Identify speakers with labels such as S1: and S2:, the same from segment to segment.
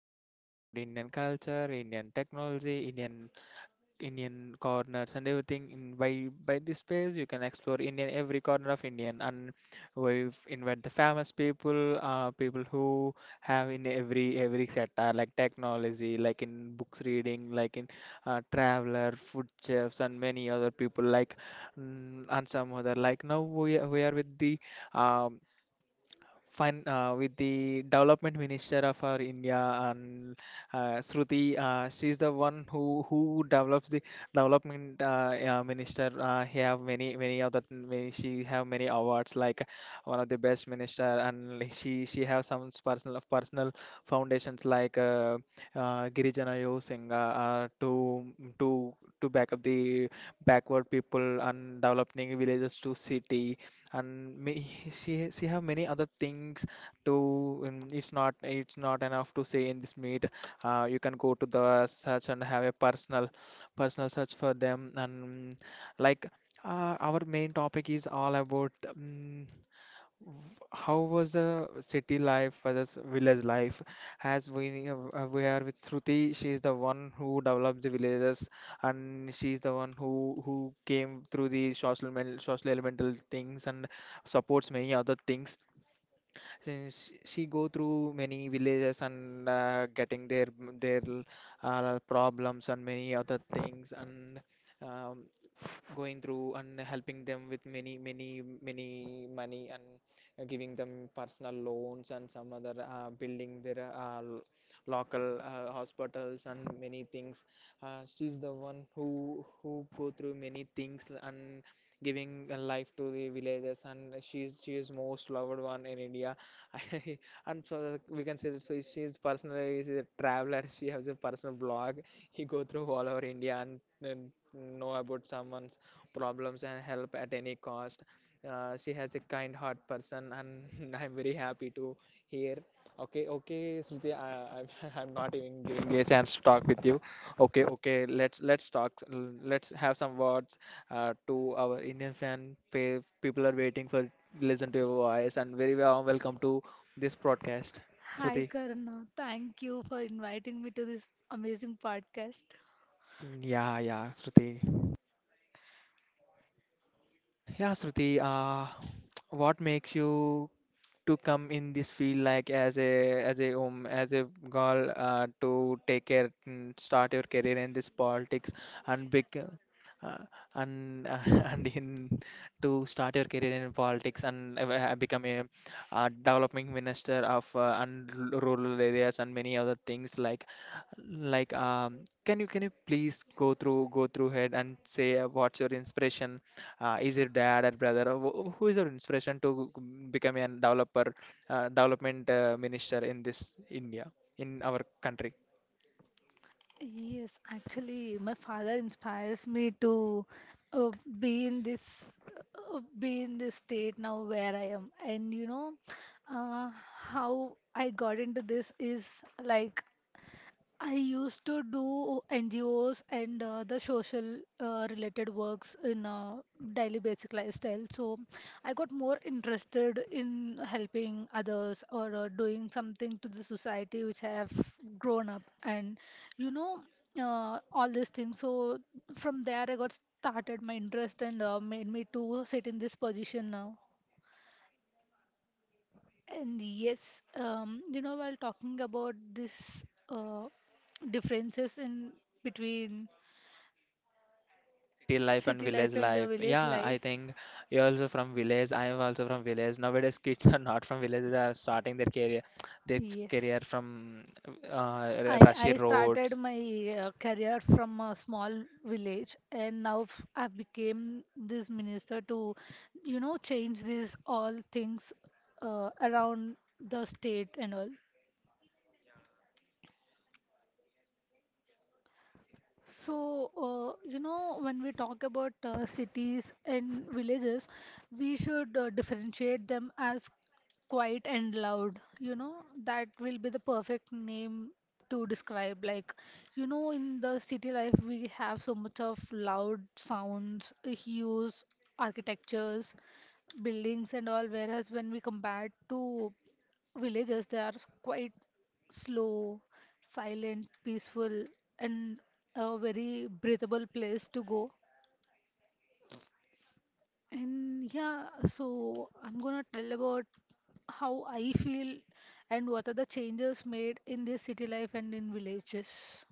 S1: the knowledge about Indian culture, Indian technology, Indian corners and everything. In, by this place, you can explore Indian every corner of Indian, and we've invite the famous people, people who have in every sector like technology, like in books reading, like in traveler, food chefs, and many other people like and some other. Like now we are with the um, with the development minister of our India and Shruti. She's the one who develops the development minister. He have many other many, she have many awards like one of the best minister, and like she have some personal foundations like Girijana Yosinga uh, to to to back up the backward people and developing villages to city, and may, she have many other things to it's not enough to say in this meet. You can go to the search and have a personal search for them, and like our main topic is all about how was the city life versus village life? As we are with Shruti, she is the one who developed the villages, and she is the one who came through the social elemental things and supports many other things. Since she go through many villages and getting their problems and many other things and. Um, Going through and helping them with many money, and giving them personal loans, and some other building their local hospitals and many things. She's the one who go through many things and giving a life to the villages, and she is most loved one in India. And so we can say that so she's personally is a traveler, she has a personal blog, he go through all over India, and know about someone problems and help at any cost. She has a kind heart person, and I'm very happy to hear. Okay, okay, Smriti, I'm not even giving me a chance to talk with you. Okay, okay, let's talk. Let's have some words to our Indian fan. People are waiting for listen to your voice, and very well welcome to this broadcast,
S2: Hi,
S1: Smriti.
S2: Karna. Thank you for inviting me to this amazing podcast.
S1: Yeah, yeah, Shruti. Yeah, Shruti, what makes you to come in this field, like as a girl, to take care and start your career in this politics and big uh, and and in to start your career in politics and become a developing minister of, and rural areas and many other things like can you please go through ahead and say what's your inspiration. Is it dad or brother or who is your inspiration to become a developer, development minister in this India, in our country.
S2: Yes, actually, my father inspires me to uh, be in this be in this state now where I am. And you know, uh, how I got into this is like I used to do NGOs and the social related works in daily basic lifestyle. So I got more interested in helping others or doing something to the society which I have grown up and you know all these things. So from there I got started my interest and made me to sit in this position now. And yes, you know, while talking about this differences in between
S1: City life and
S2: city
S1: village
S2: life and the
S1: life,
S2: village
S1: yeah,
S2: life,
S1: I think you're also from village, I am also from village. Nowadays kids are not from village, they are starting their career
S2: yes,
S1: from
S2: I
S1: rushy
S2: I started
S1: roads.
S2: my career from a small village, and now I became this minister to, you know, change these all things around the state and all. So, you know, when we talk about cities and villages, we should differentiate them as quiet and loud. You know, that will be the perfect name to describe. Like, you know, in the city life, we have so much of loud sounds, hues, architectures, buildings, and all. Whereas when we compare to villages, they are quite slow, silent, peaceful, and a very breathable place to go. And yeah, so I'm gonna tell about how I feel and what are the changes made in this city life and in villages.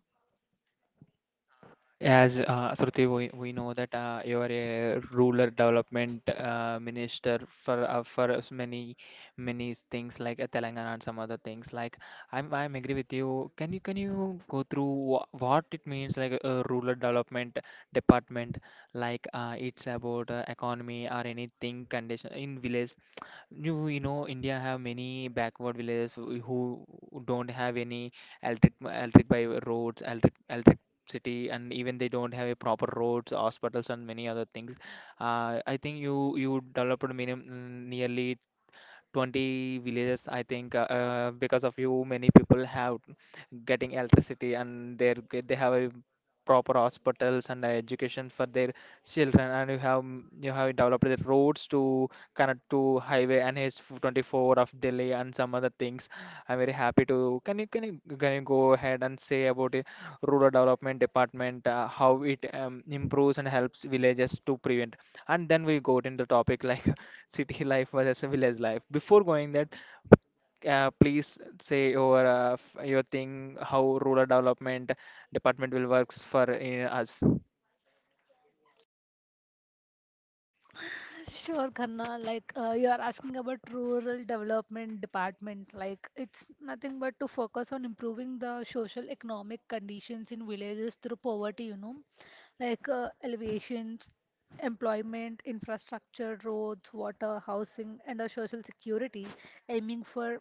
S1: As Shruti, we know that you are a rural development minister for for many many things like Telangana and some other things. Like I'm agree with you. Can you go through what it means like a rural development department? Like it's about economy or anything condition in village. India have many backward villages who don't have any electric by roads, electricity, and even they don't have a proper roads, hospitals, and many other things. I think you developed nearly 20 villages, I think. Because of you, many people have getting electricity, and they have a proper hospitals and education for their children, and you have developed the roads to connect to highway NH24 of Delhi and some other things. I'm very happy to. Can you go ahead and say about the rural development department, how it improves and helps villages to prevent, and then we go into the topic like city life versus village life? Before going that, please say your your thing, how rural development department will works for us.
S2: Sure, Khanna. Like you are asking about rural development department. Like it's nothing but to focus on improving the social economic conditions in villages through poverty. You know, like elevations, employment, infrastructure, roads, water, housing, and a social security, aiming for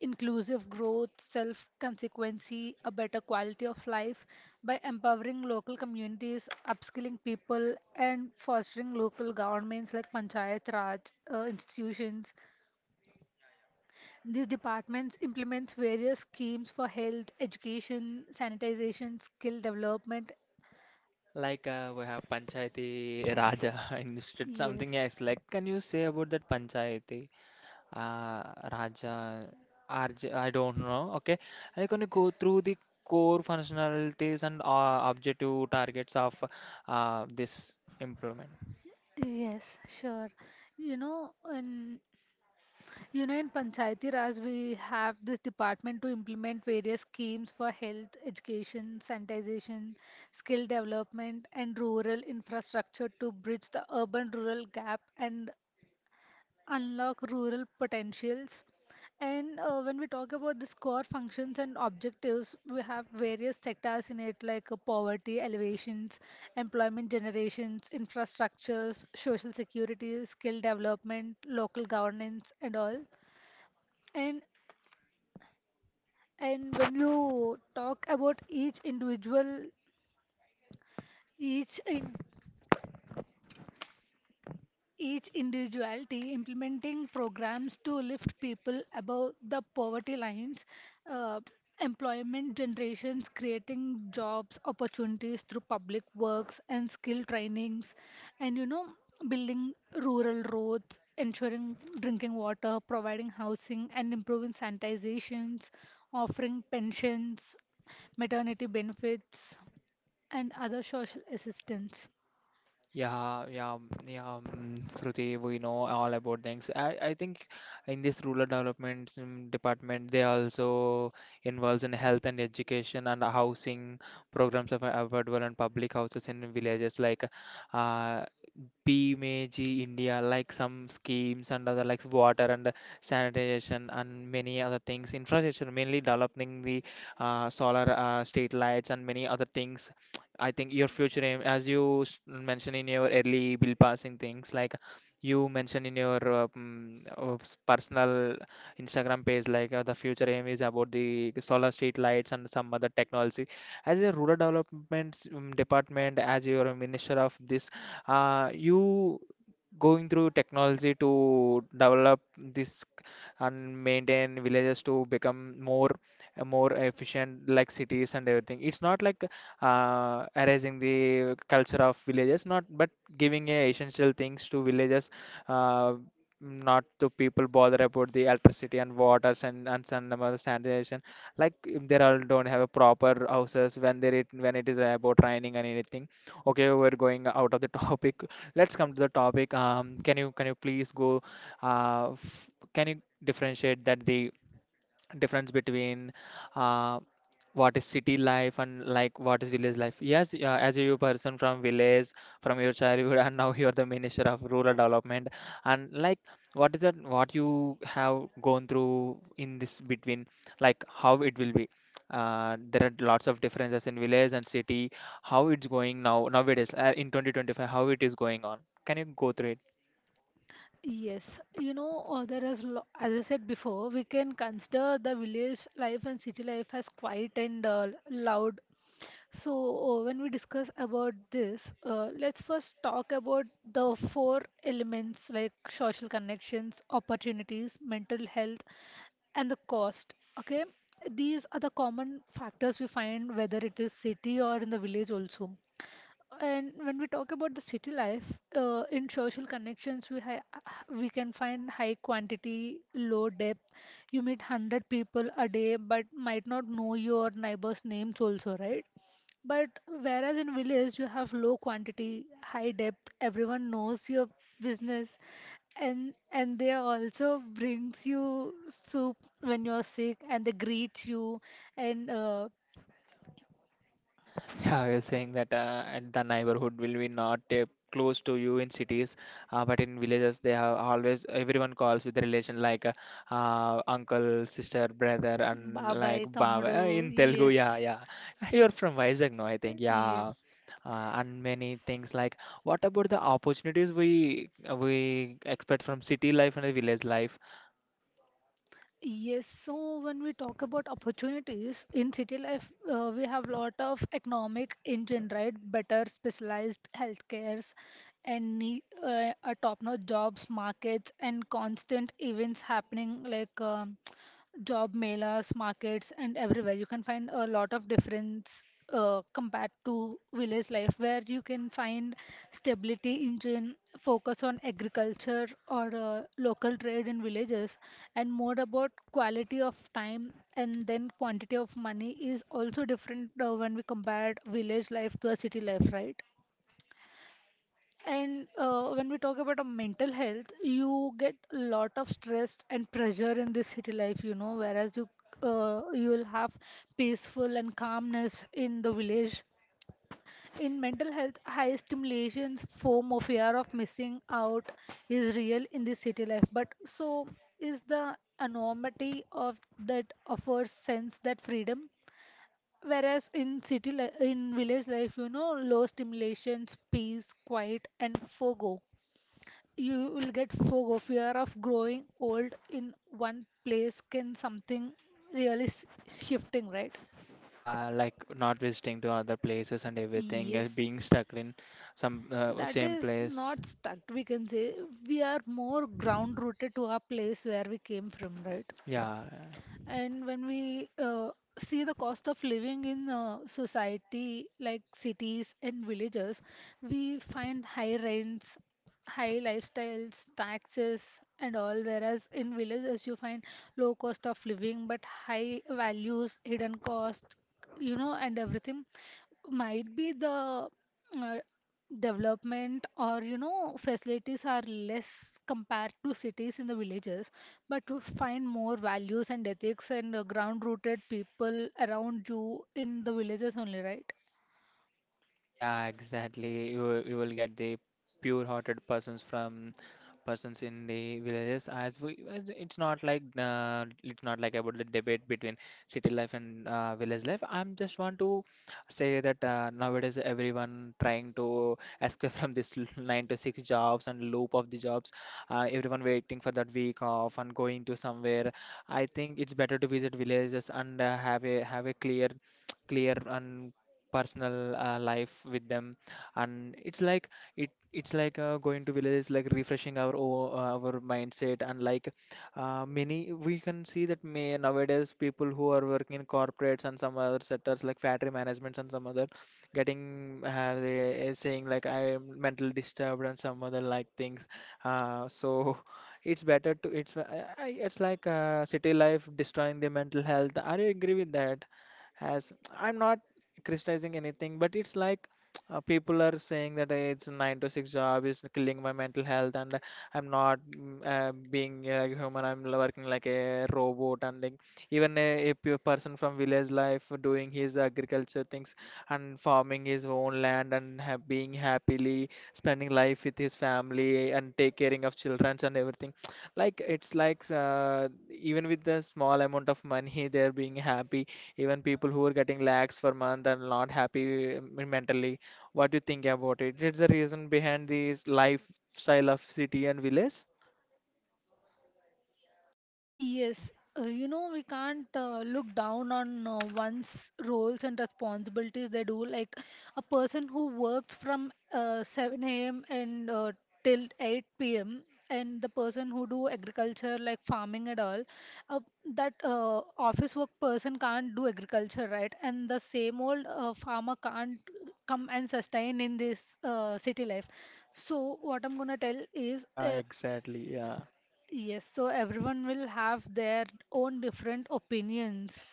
S2: inclusive growth, self consequency, a better quality of life by empowering local communities, upskilling people, and fostering local governments like Panchayat Raj institutions. These departments implement various schemes for health, education, sanitization, skill development.
S1: Like we have Panchayati Raja Institute something
S2: Yes.
S1: else. Like can you say about that Panchayati uh, Raja RJ? I don't know. Okay, and can you go through the core functionalities and objective targets of this implement?
S2: Yes, sure. You know, in You know, in Panchayati Raj, we have this department to implement various schemes for health, education, sanitation, skill development, and rural infrastructure to bridge the urban rural gap and unlock rural potentials. And when we talk about the core functions and objectives, we have various sectors in it like poverty elevations, employment generations, infrastructures, social security, skill development, local governance, and all. And And when you talk about each in, each individuality, implementing programs to lift people above the poverty lines, uh, employment generations, creating jobs, opportunities through public works and skill trainings, and you know, building rural roads, ensuring drinking water, providing housing, and improving sanitizations, offering pensions, maternity benefits, and other social assistance.
S1: Yeah, yeah, yeah. Shruti, we know all about things. I think in this rural development department, they also involves in health and education and housing programs of affordable and public houses in villages. Like, uh, PMAG India, like some schemes and other, like water and sanitation and many other things, infrastructure, mainly developing the solar street lights and many other things. I think your future aim, as you mentioned in your early bill passing things, like you mentioned in your personal Instagram page, like the future aim is about the solar street lights and some other technology. As a rural development department, as your minister of this, you going through technology to develop this and maintain villages to become more efficient like cities and everything. It's not like erasing the culture of villages, not, but giving a essential things to villages, uh, not to people bother about the electricity and water and sun and other sanitation, like if they all don't have a proper houses when it is about training and anything. Okay, we're going out of the topic. Let's come to the topic. Can you please go? Can you differentiate that the difference between uh, what is city life and, like, what is village life? Yes, as you person from village, from your childhood, and now you are the minister of rural development, and like what is that what you have gone through in this between, like how it will be. There are lots of differences in village and city, how it's going now nowadays, in 2025, how it is going on? Can you go through?
S2: Yes, you know, there is, as I said before, we can consider the village life and city life as quiet and loud. So, when we discuss about this, let's first talk about the four elements like social connections, opportunities, mental health, and the cost. Okay, these are the common factors we find whether it is city or in the village also. And when we talk about the city life, in social connections, we can find high quantity, low depth. You meet 100 people a day, but might not know your neighbors' names also, right? But whereas in village, you have low quantity, high depth. Everyone knows your business, and they also brings you soup when you're sick, and they greet you, and
S1: Yeah, you're saying that at the neighborhood will be not close to you in cities, but in villages they have always everyone calls with relation, like uncle, sister, brother, and
S2: bye
S1: like
S2: bye, tammudu.
S1: baba, in Telugu.
S2: Yes,
S1: Yeah, yeah. You're from Vizag, no? I think. Yeah.
S2: yes.
S1: And many things like, what about the opportunities we expect from city life and the village life?
S2: Yes, so when we talk about opportunities in city life, we have lot of economic engine, right? Better specialized healthcares and a top-notch jobs, markets, and constant events happening like. Job melas, markets, and everywhere. You can find a lot of difference compared to village life, where you can find stability engine, focus on agriculture or local trade in villages, and more about quality of time and then quantity of money is also different when we compare village life to a city life, right? And when we talk about a mental health, you get a lot of stress and pressure in this city life, you know, whereas you will have peaceful and calmness in the village. In mental health, high stimulations, form of fear of missing out is real in the city life. But so is the enormity of that offers sense that freedom. Whereas in city li in village life, you know, low stimulations, peace, quiet, and forgo. You will get FOGO, fear of growing old in one place. Can something shifting, right?
S1: Yeah, like not visiting to other places and everything, being
S2: Yes,
S1: stuck in some
S2: that
S1: same
S2: is
S1: place.
S2: not stuck. We can say we are more ground rooted to our place where we came from, right?
S1: Yeah,
S2: And when we see the cost of living in society like cities and villages, we find high rents, high lifestyles, taxes, and all. Whereas in villages, you find low cost of living but high values, hidden cost, you know, and everything might be the uh, development or you know facilities are less compared to cities in the villages, but to find more values and ethics and ground rooted people around you in the villages only, right?
S1: yeah, exactly. You will get the pure-hearted persons from persons in the villages, as we as it's not like about the debate between city life and village life. I'm just want to say that nowadays everyone trying to escape from this 9 to 6 jobs and loop of the jobs. Everyone waiting for that week off and going to somewhere. I think it's better to visit villages and have a clear clear and personal life with them, and it's like it's like going to villages, like refreshing our our mindset. And like many, we can see that may nowadays people who are working in corporates and some other sectors like factory managements and some other getting, they are saying like, I am mental disturbed and some other like things. So, it's better to, it's it's like city life destroying the mental health. Are you agree with that? As I'm not criticizing anything, but it's like people are saying that, "Hey, it's a 9 to 6 job is killing my mental health, and I'm not being a human. I'm working like a robot." And like even a pure person from village life doing his agriculture things and farming his own land and being happily spending life with his family and take caring of childrens and everything, like it's like even with the small amount of money they're being happy. Even people who are getting lakhs per month are not happy, mentally. What do you think about it? It's the reason behind this lifestyle of city and village.
S2: Yes, you know, we can't look down on one's roles and responsibilities they do. Like a person who works from 7 a.m. and till 8 p.m. and the person who do agriculture like farming and all, uh, that office work person can't do agriculture, right? And the same old farmer can't come and sustain in this city life. So what I'm gonna tell is
S1: Yeah, exactly. Yeah.
S2: Yes, so everyone will have their own different opinions.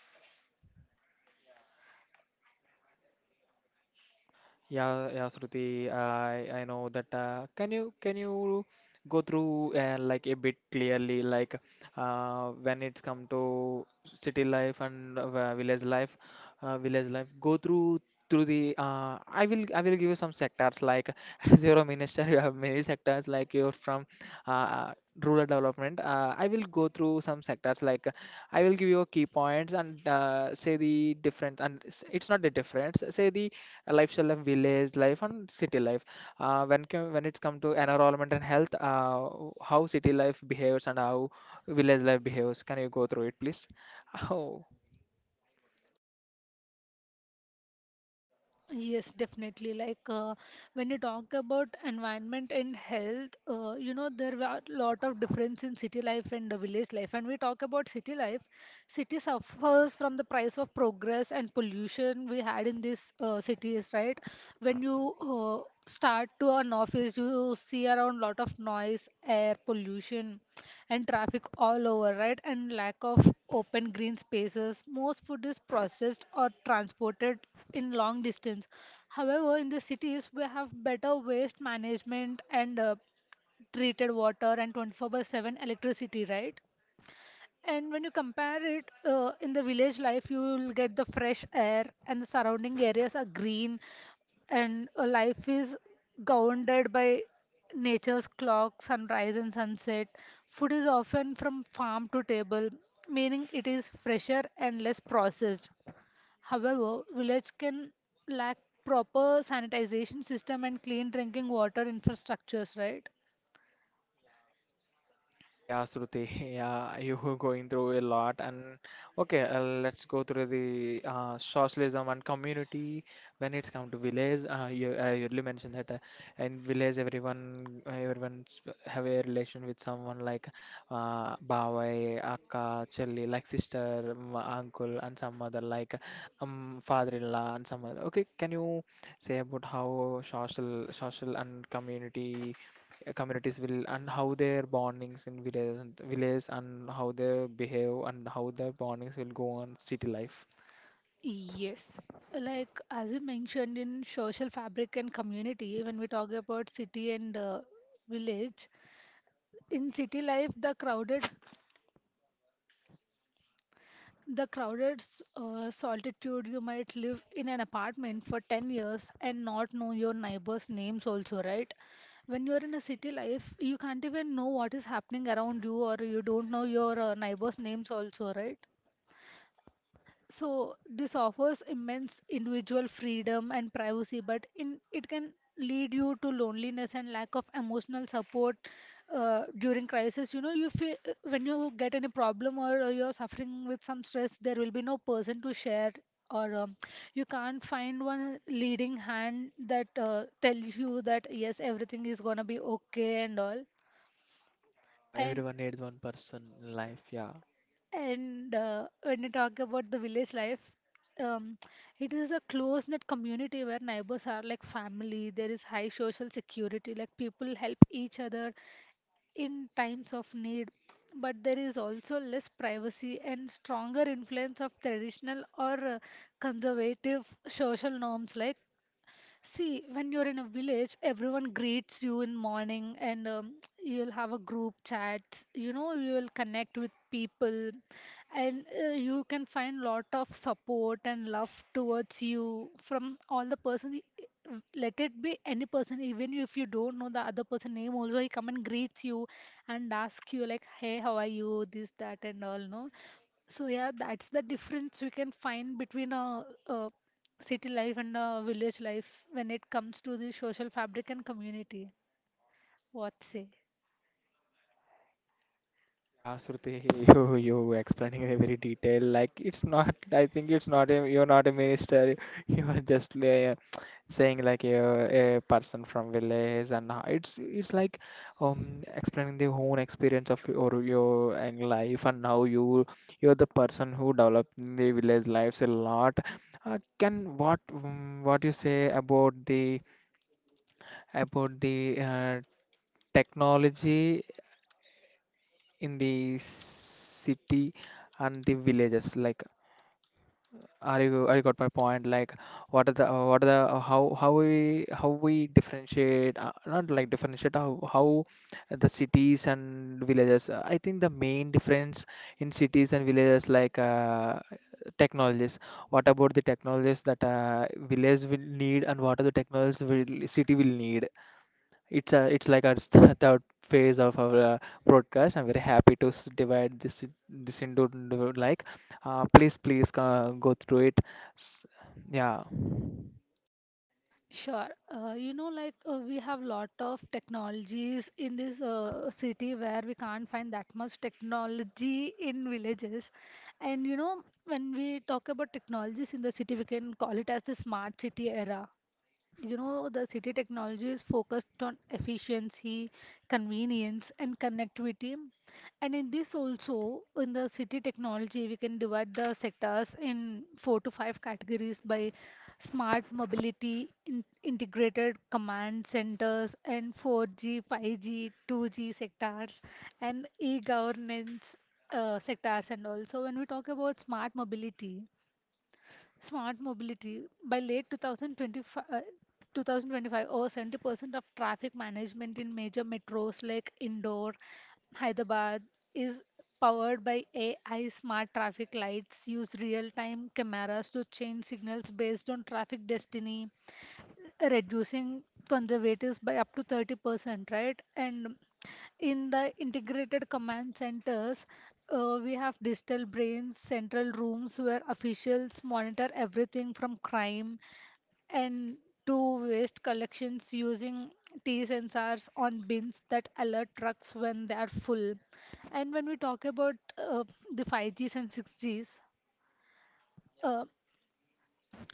S1: Yeah, yeah, Shruti, I know that. Can you go through like a bit clearly, like when it's come to city life and village life, Go through through the. I will give you some sectors, like as you're a minister, you have many sectors. Like you're from uh, rural development. I will go through some sectors, like I will give you key points and say the difference and s- it's not the difference. Say the lifestyle of village life and city life. When co- When it's come to environment and health, how city life behaves and how village life behaves. Can you go through it, please? Oh.
S2: Yes, definitely. Like when you talk about environment and health, you know, there are a lot of difference in city life and the village life. And we talk about city life, city suffers from the price of progress and pollution we had in these cities, right? When you start to an office, you see around lot of noise, air pollution and traffic all over, right? And lack of open green spaces. Most food is processed or transported in long distance. However, in the cities, we have better waste management and treated water and 24 by 7 electricity, right? And when you compare it in the village life, you will get the fresh air, and the surrounding areas are green, and life is governed by nature's clock, sunrise and sunset. Food is often from farm to table, meaning it is fresher and less processed. However, village can lack proper sanitization system and clean drinking water infrastructures, right?
S1: Yeah, Shruti, yeah, you were going through a lot, and okay, let's go through the socialism and community. When it's come to village, you really mentioned that in village everyone's have a relation with someone, like bawai, akka, chelli, like sister, m- uncle, and some other, like father-in-law and some other. Okay, can you say about how social and community? Communities will and how their bondings in villages and how they behave and how their bondings will go on city life.
S2: Yes, like as you mentioned in social fabric and community, when we talk about city and village, in city life, the crowded solitude, you might live in an apartment for 10 years and not know your neighbors' names also, right? When you're in a city life, you can't even know what is happening around you, or you don't know your neighbors' names also, right? So this offers immense individual freedom and privacy, but in, it can lead you to loneliness and lack of emotional support during crisis. You know, you feel when you get any problem or you're suffering with some stress, there will be no person to share, or you can't find one leading hand that tells you that yes, everything is gonna be okay and all. And
S1: Everyone needs one person in life, yeah.
S2: And when you talk about the village life, um, it is a close-knit community where neighbors are like family. There is high social security, like people help each other in times of need. But there is also less privacy and stronger influence of traditional or conservative social norms like see, when you're in a village, everyone greets you in morning and you'll have a group chats. You know, you will connect with people and you can find lot of support and love towards you from all the person. Let it be any person, even if you don't know the other person name, also he come and greets you and ask you like, "Hey, how are you?" This, that, and all. No, so yeah, that's the difference we can find between a city life and village life when it comes to the social fabric and community. What say?
S1: Yeah, Shruti, you explaining in a very detail. Like it's not. I think it's not. A, you're not a minister. You are just saying like a person from village, and it's like explaining the own experience of your and life, and how you you're the person who developed the village lives a lot. Can what, what you say about the about the uh, technology in the city and the villages? Like, are you are you got my point? Like, what are the how we differentiate? Not like differentiate, how the cities and villages. I think the main difference in cities and villages, like technologies. What about the technologies that village will need, and what are the technologies will city will need? It's a, it's like our third phase of our broadcast. I'm very happy to divide this into like, please go through it. S- Yeah,
S2: Sure. You know, like we have lot of technologies in this city where we can't find that much technology in villages. And you know, when we talk about technologies in the city, we can call it as the smart city era. You know, the city technology is focused on efficiency, convenience, and connectivity. And in this also, in the city technology, we can divide the sectors in four to five categories by smart mobility, in integrated command centers, and 4G, 5G, 2G sectors, and e-governance sectors. And also, when we talk about smart mobility, smart mobility. By late 2025, 2025, over 70% of traffic management in major metros like Indore, Hyderabad is powered by AI smart traffic lights, use real time cameras to change signals based on traffic destiny, reducing conservatives by up to 30%, right? And in the integrated command centers, we have digital brains, central rooms where officials monitor everything from crime and to waste collections using T sensors on bins that alert trucks when they are full. And when we talk about the 5Gs and 6Gs,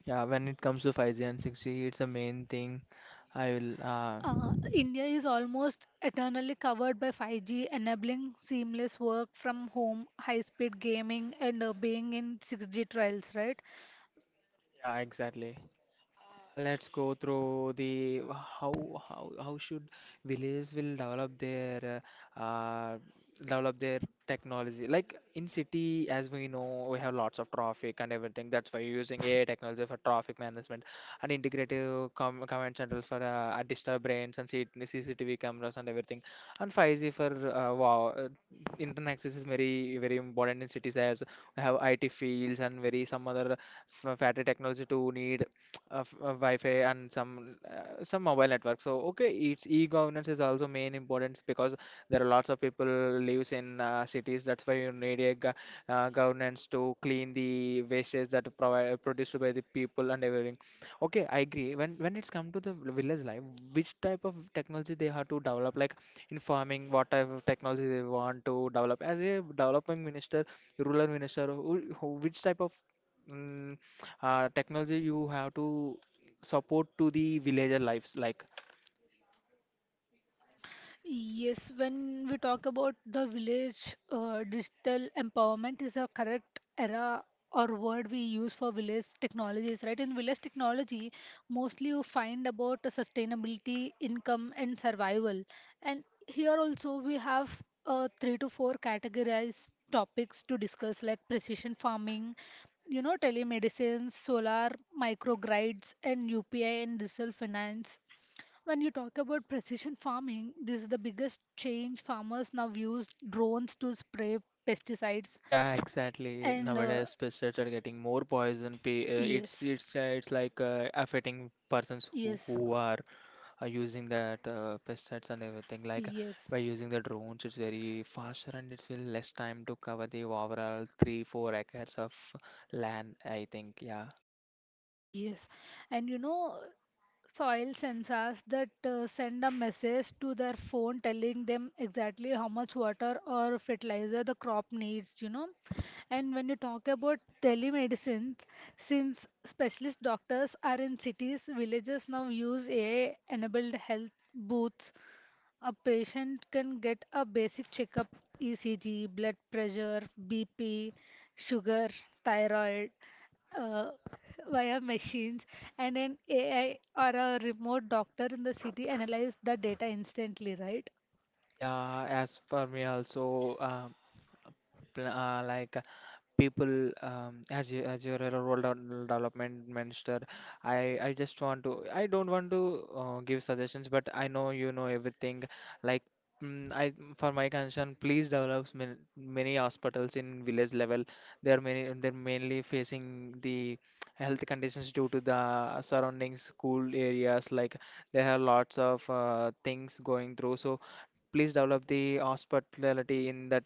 S1: yeah. When it comes to 5G and 6G, it's the main thing. I will.
S2: India is almost eternally covered by 5G, enabling seamless work from home, high speed gaming, and being in 6G trials, right?
S1: Yeah, exactly. Let's go through the how should villages will develop their uh, uh, develop their technology. Like in city, as we know, we have lots of traffic and everything. That's why you're using AI technology for traffic management, and integrative com command central for digital brains, and CCTV cameras and everything. And 5G for wow, internet access is very important in cities, as we have IT fields and very some other f- factory technology to need of Wi-Fi and some mobile network. So okay, it's e-governance is also main importance, because there are lots of people lives in cities. That's why you need a governance to clean the wastes that provide produced by the people and everything. Okay, I agree. When it's come to the village life, which type of technology they have to develop, like in farming, what type of technology they want to develop. As a development minister, rural minister, which type of mm, technology you have to support to the villager lives, like
S2: Yes, when we talk about the village, digital empowerment is a correct era or word we use for village technologies, right? In village technology, mostly you find about the sustainability, income, and survival. And here also we have three to four categorized topics to discuss, like precision farming, you know, telemedicine, solar microgrids, and UPI and digital finance. When you talk about precision farming, this is the biggest change. Farmers now use drones to spray pesticides
S1: yeah, exactly.
S2: and
S1: Nowadays pesticides are getting more poison pay,
S2: yes,
S1: it's like affecting persons
S2: yes,
S1: who are using that pesticides and everything. Like
S2: yes.
S1: by using the drones, it's very faster, and it's will less time to cover the overall 3-4 acres of land, I think. Yeah,
S2: Yes, and you know, soil sensors that send a message to their phone telling them exactly how much water or fertilizer the crop needs, you know. And when you talk about telemedicine, since specialist doctors are in cities, villages now use AI enabled health booths, a patient can get a basic checkup, ECG, blood pressure, BP, sugar, thyroid uh, via machines, and an AI or a remote doctor in the city analyze the data instantly, right?
S1: yeah, as for me also, like people, as you're a role development minister, I just want to I don't want to give suggestions, but I know you know everything, like I, for my concern, please develop many, many hospitals in village level. They are many. They're mainly facing the health conditions due to the surrounding school areas. Like there are lots of things going through. So please develop the hospitality in that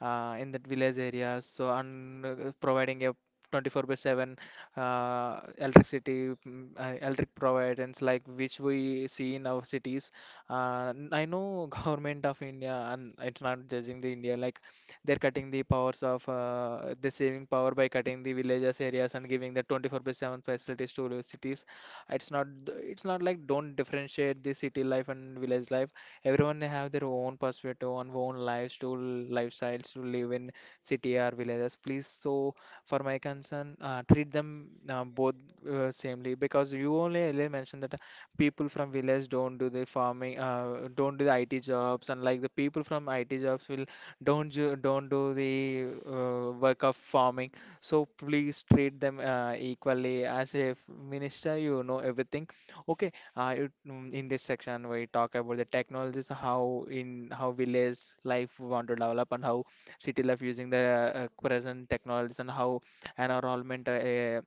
S1: village areas. So and providing a 24 by 7 electricity, electric providence, like which we see in our cities. I know, government of India, and it's not judging the India, like they're cutting the powers of the saving power by cutting the villages areas, and giving the 24 by 7 facilities to the cities. It's not like, don't differentiate the city life and village life. Everyone have their own perspective on own lives to lifestyles, to live in city or villages, please. So for my concern, treat them both samely, because you only earlier mentioned that people from village don't do the farming, don't do the IT jobs, and like the people from IT jobs will don't don't do the work of farming. So please treat them equally. As a minister, you know everything. Okay, in this section we talk about the technologies, how in how village life want to develop, and how city life using the present technologies, and how environment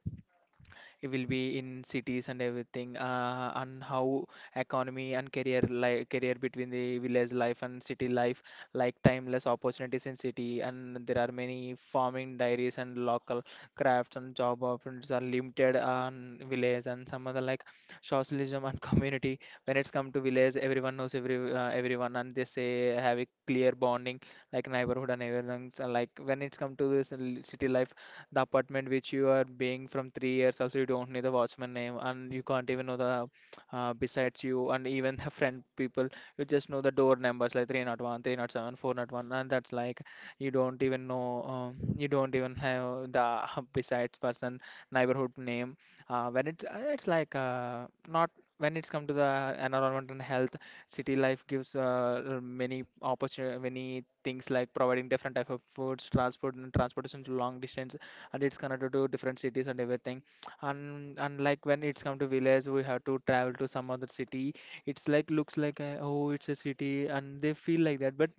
S1: it will be in cities and everything, and how economy and career, like career between the village life and city life, like timeless opportunities in city, and there are many farming dairies and local crafts, and job opportunities are limited on village, and some other, like socialism and community. When it's come to village, everyone knows everyone, and they say have a clear bonding, like neighborhood and everything. So like when it's come to this city life, the apartment which you are being from 3 years also, you don't know the watchman name, and you can't even know the besides you, and even the friend people, you just know the door numbers like 301 307 401, and that's like, you don't even know, you don't even have the besides person neighborhood name. When it's like not When it's come to the environment and health, city life gives many opportunity, many things, like providing different type of foods, transport and transportation to long distance, and it's connected to different cities and everything. And like when it's come to village, we have to travel to some other city. It's like, looks like a, oh, it's a city, and they feel like that, but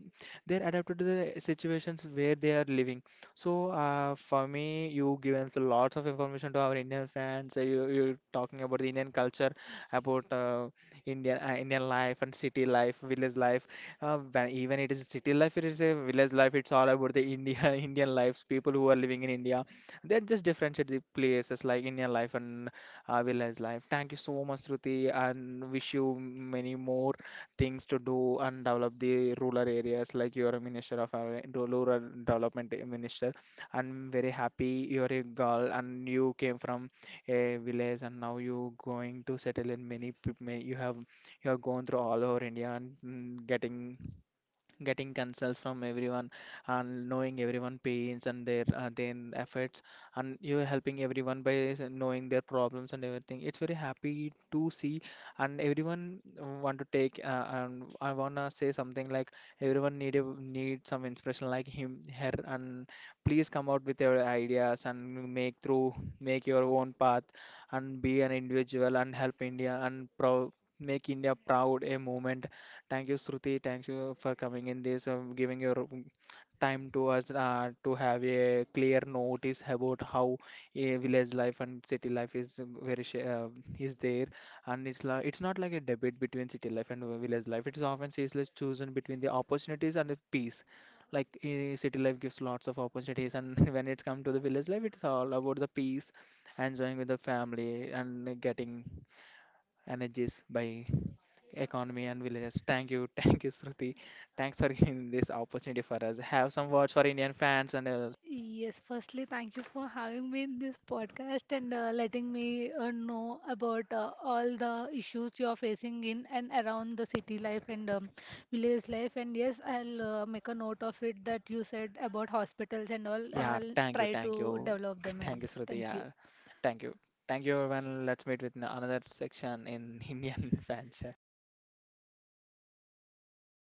S1: they're adapted to the situations where they are living. So for me, you given us lots of information to our Indian fans. You're talking about the Indian culture, about Indian life and city life, village life. When even it is a city life, it is a village life, it's all about the India. Indian lives, people who are living in India, that just differentiate the places, like Indian life and village life. Thank you so much, Shruti, and wish you many more things to do and develop the rural areas. Like you are a minister of our rural development minister. I'm very happy you're a girl and you came from a village, and now you going to settle in many. You have, you have gone through all over India, and getting cancels from everyone, and knowing everyone pains and their efforts, and you are helping everyone by knowing their problems and everything. It's very happy to see. And everyone want to take, and I want to say something like, everyone need a, need some inspiration like him, her, and please come out with your ideas and make through, make your own path, and be an individual and help india and proud, make india proud a movement. Thank you, Shruti. Thank you for coming in this, giving your time to us to have a clear notice about how a village life and city life is very sh is there, and it's not like a debate between city life and village life. It is often seriously chosen between the opportunities and the peace. Like city life gives lots of opportunities, and when it's come to the village life, it's all about the peace, enjoying with the family, and getting energies by economy and villages. Thank you, thank you, Shruti. Thanks for giving this opportunity for us. Have some words for Indian fans, and
S2: Yes, firstly, thank you for having me in this podcast and letting me know about all the issues you are facing in and around the city life and village life. And yes, I'll make a note of it that you said about hospitals and all.
S1: yeah,
S2: I'll try
S1: thank
S2: to
S1: you,
S2: develop them.
S1: thank you,
S2: Else.
S1: Shruti.
S2: Thank you.
S1: Yeah, thank you, thank you, everyone. Let's meet with another section in Indian fans.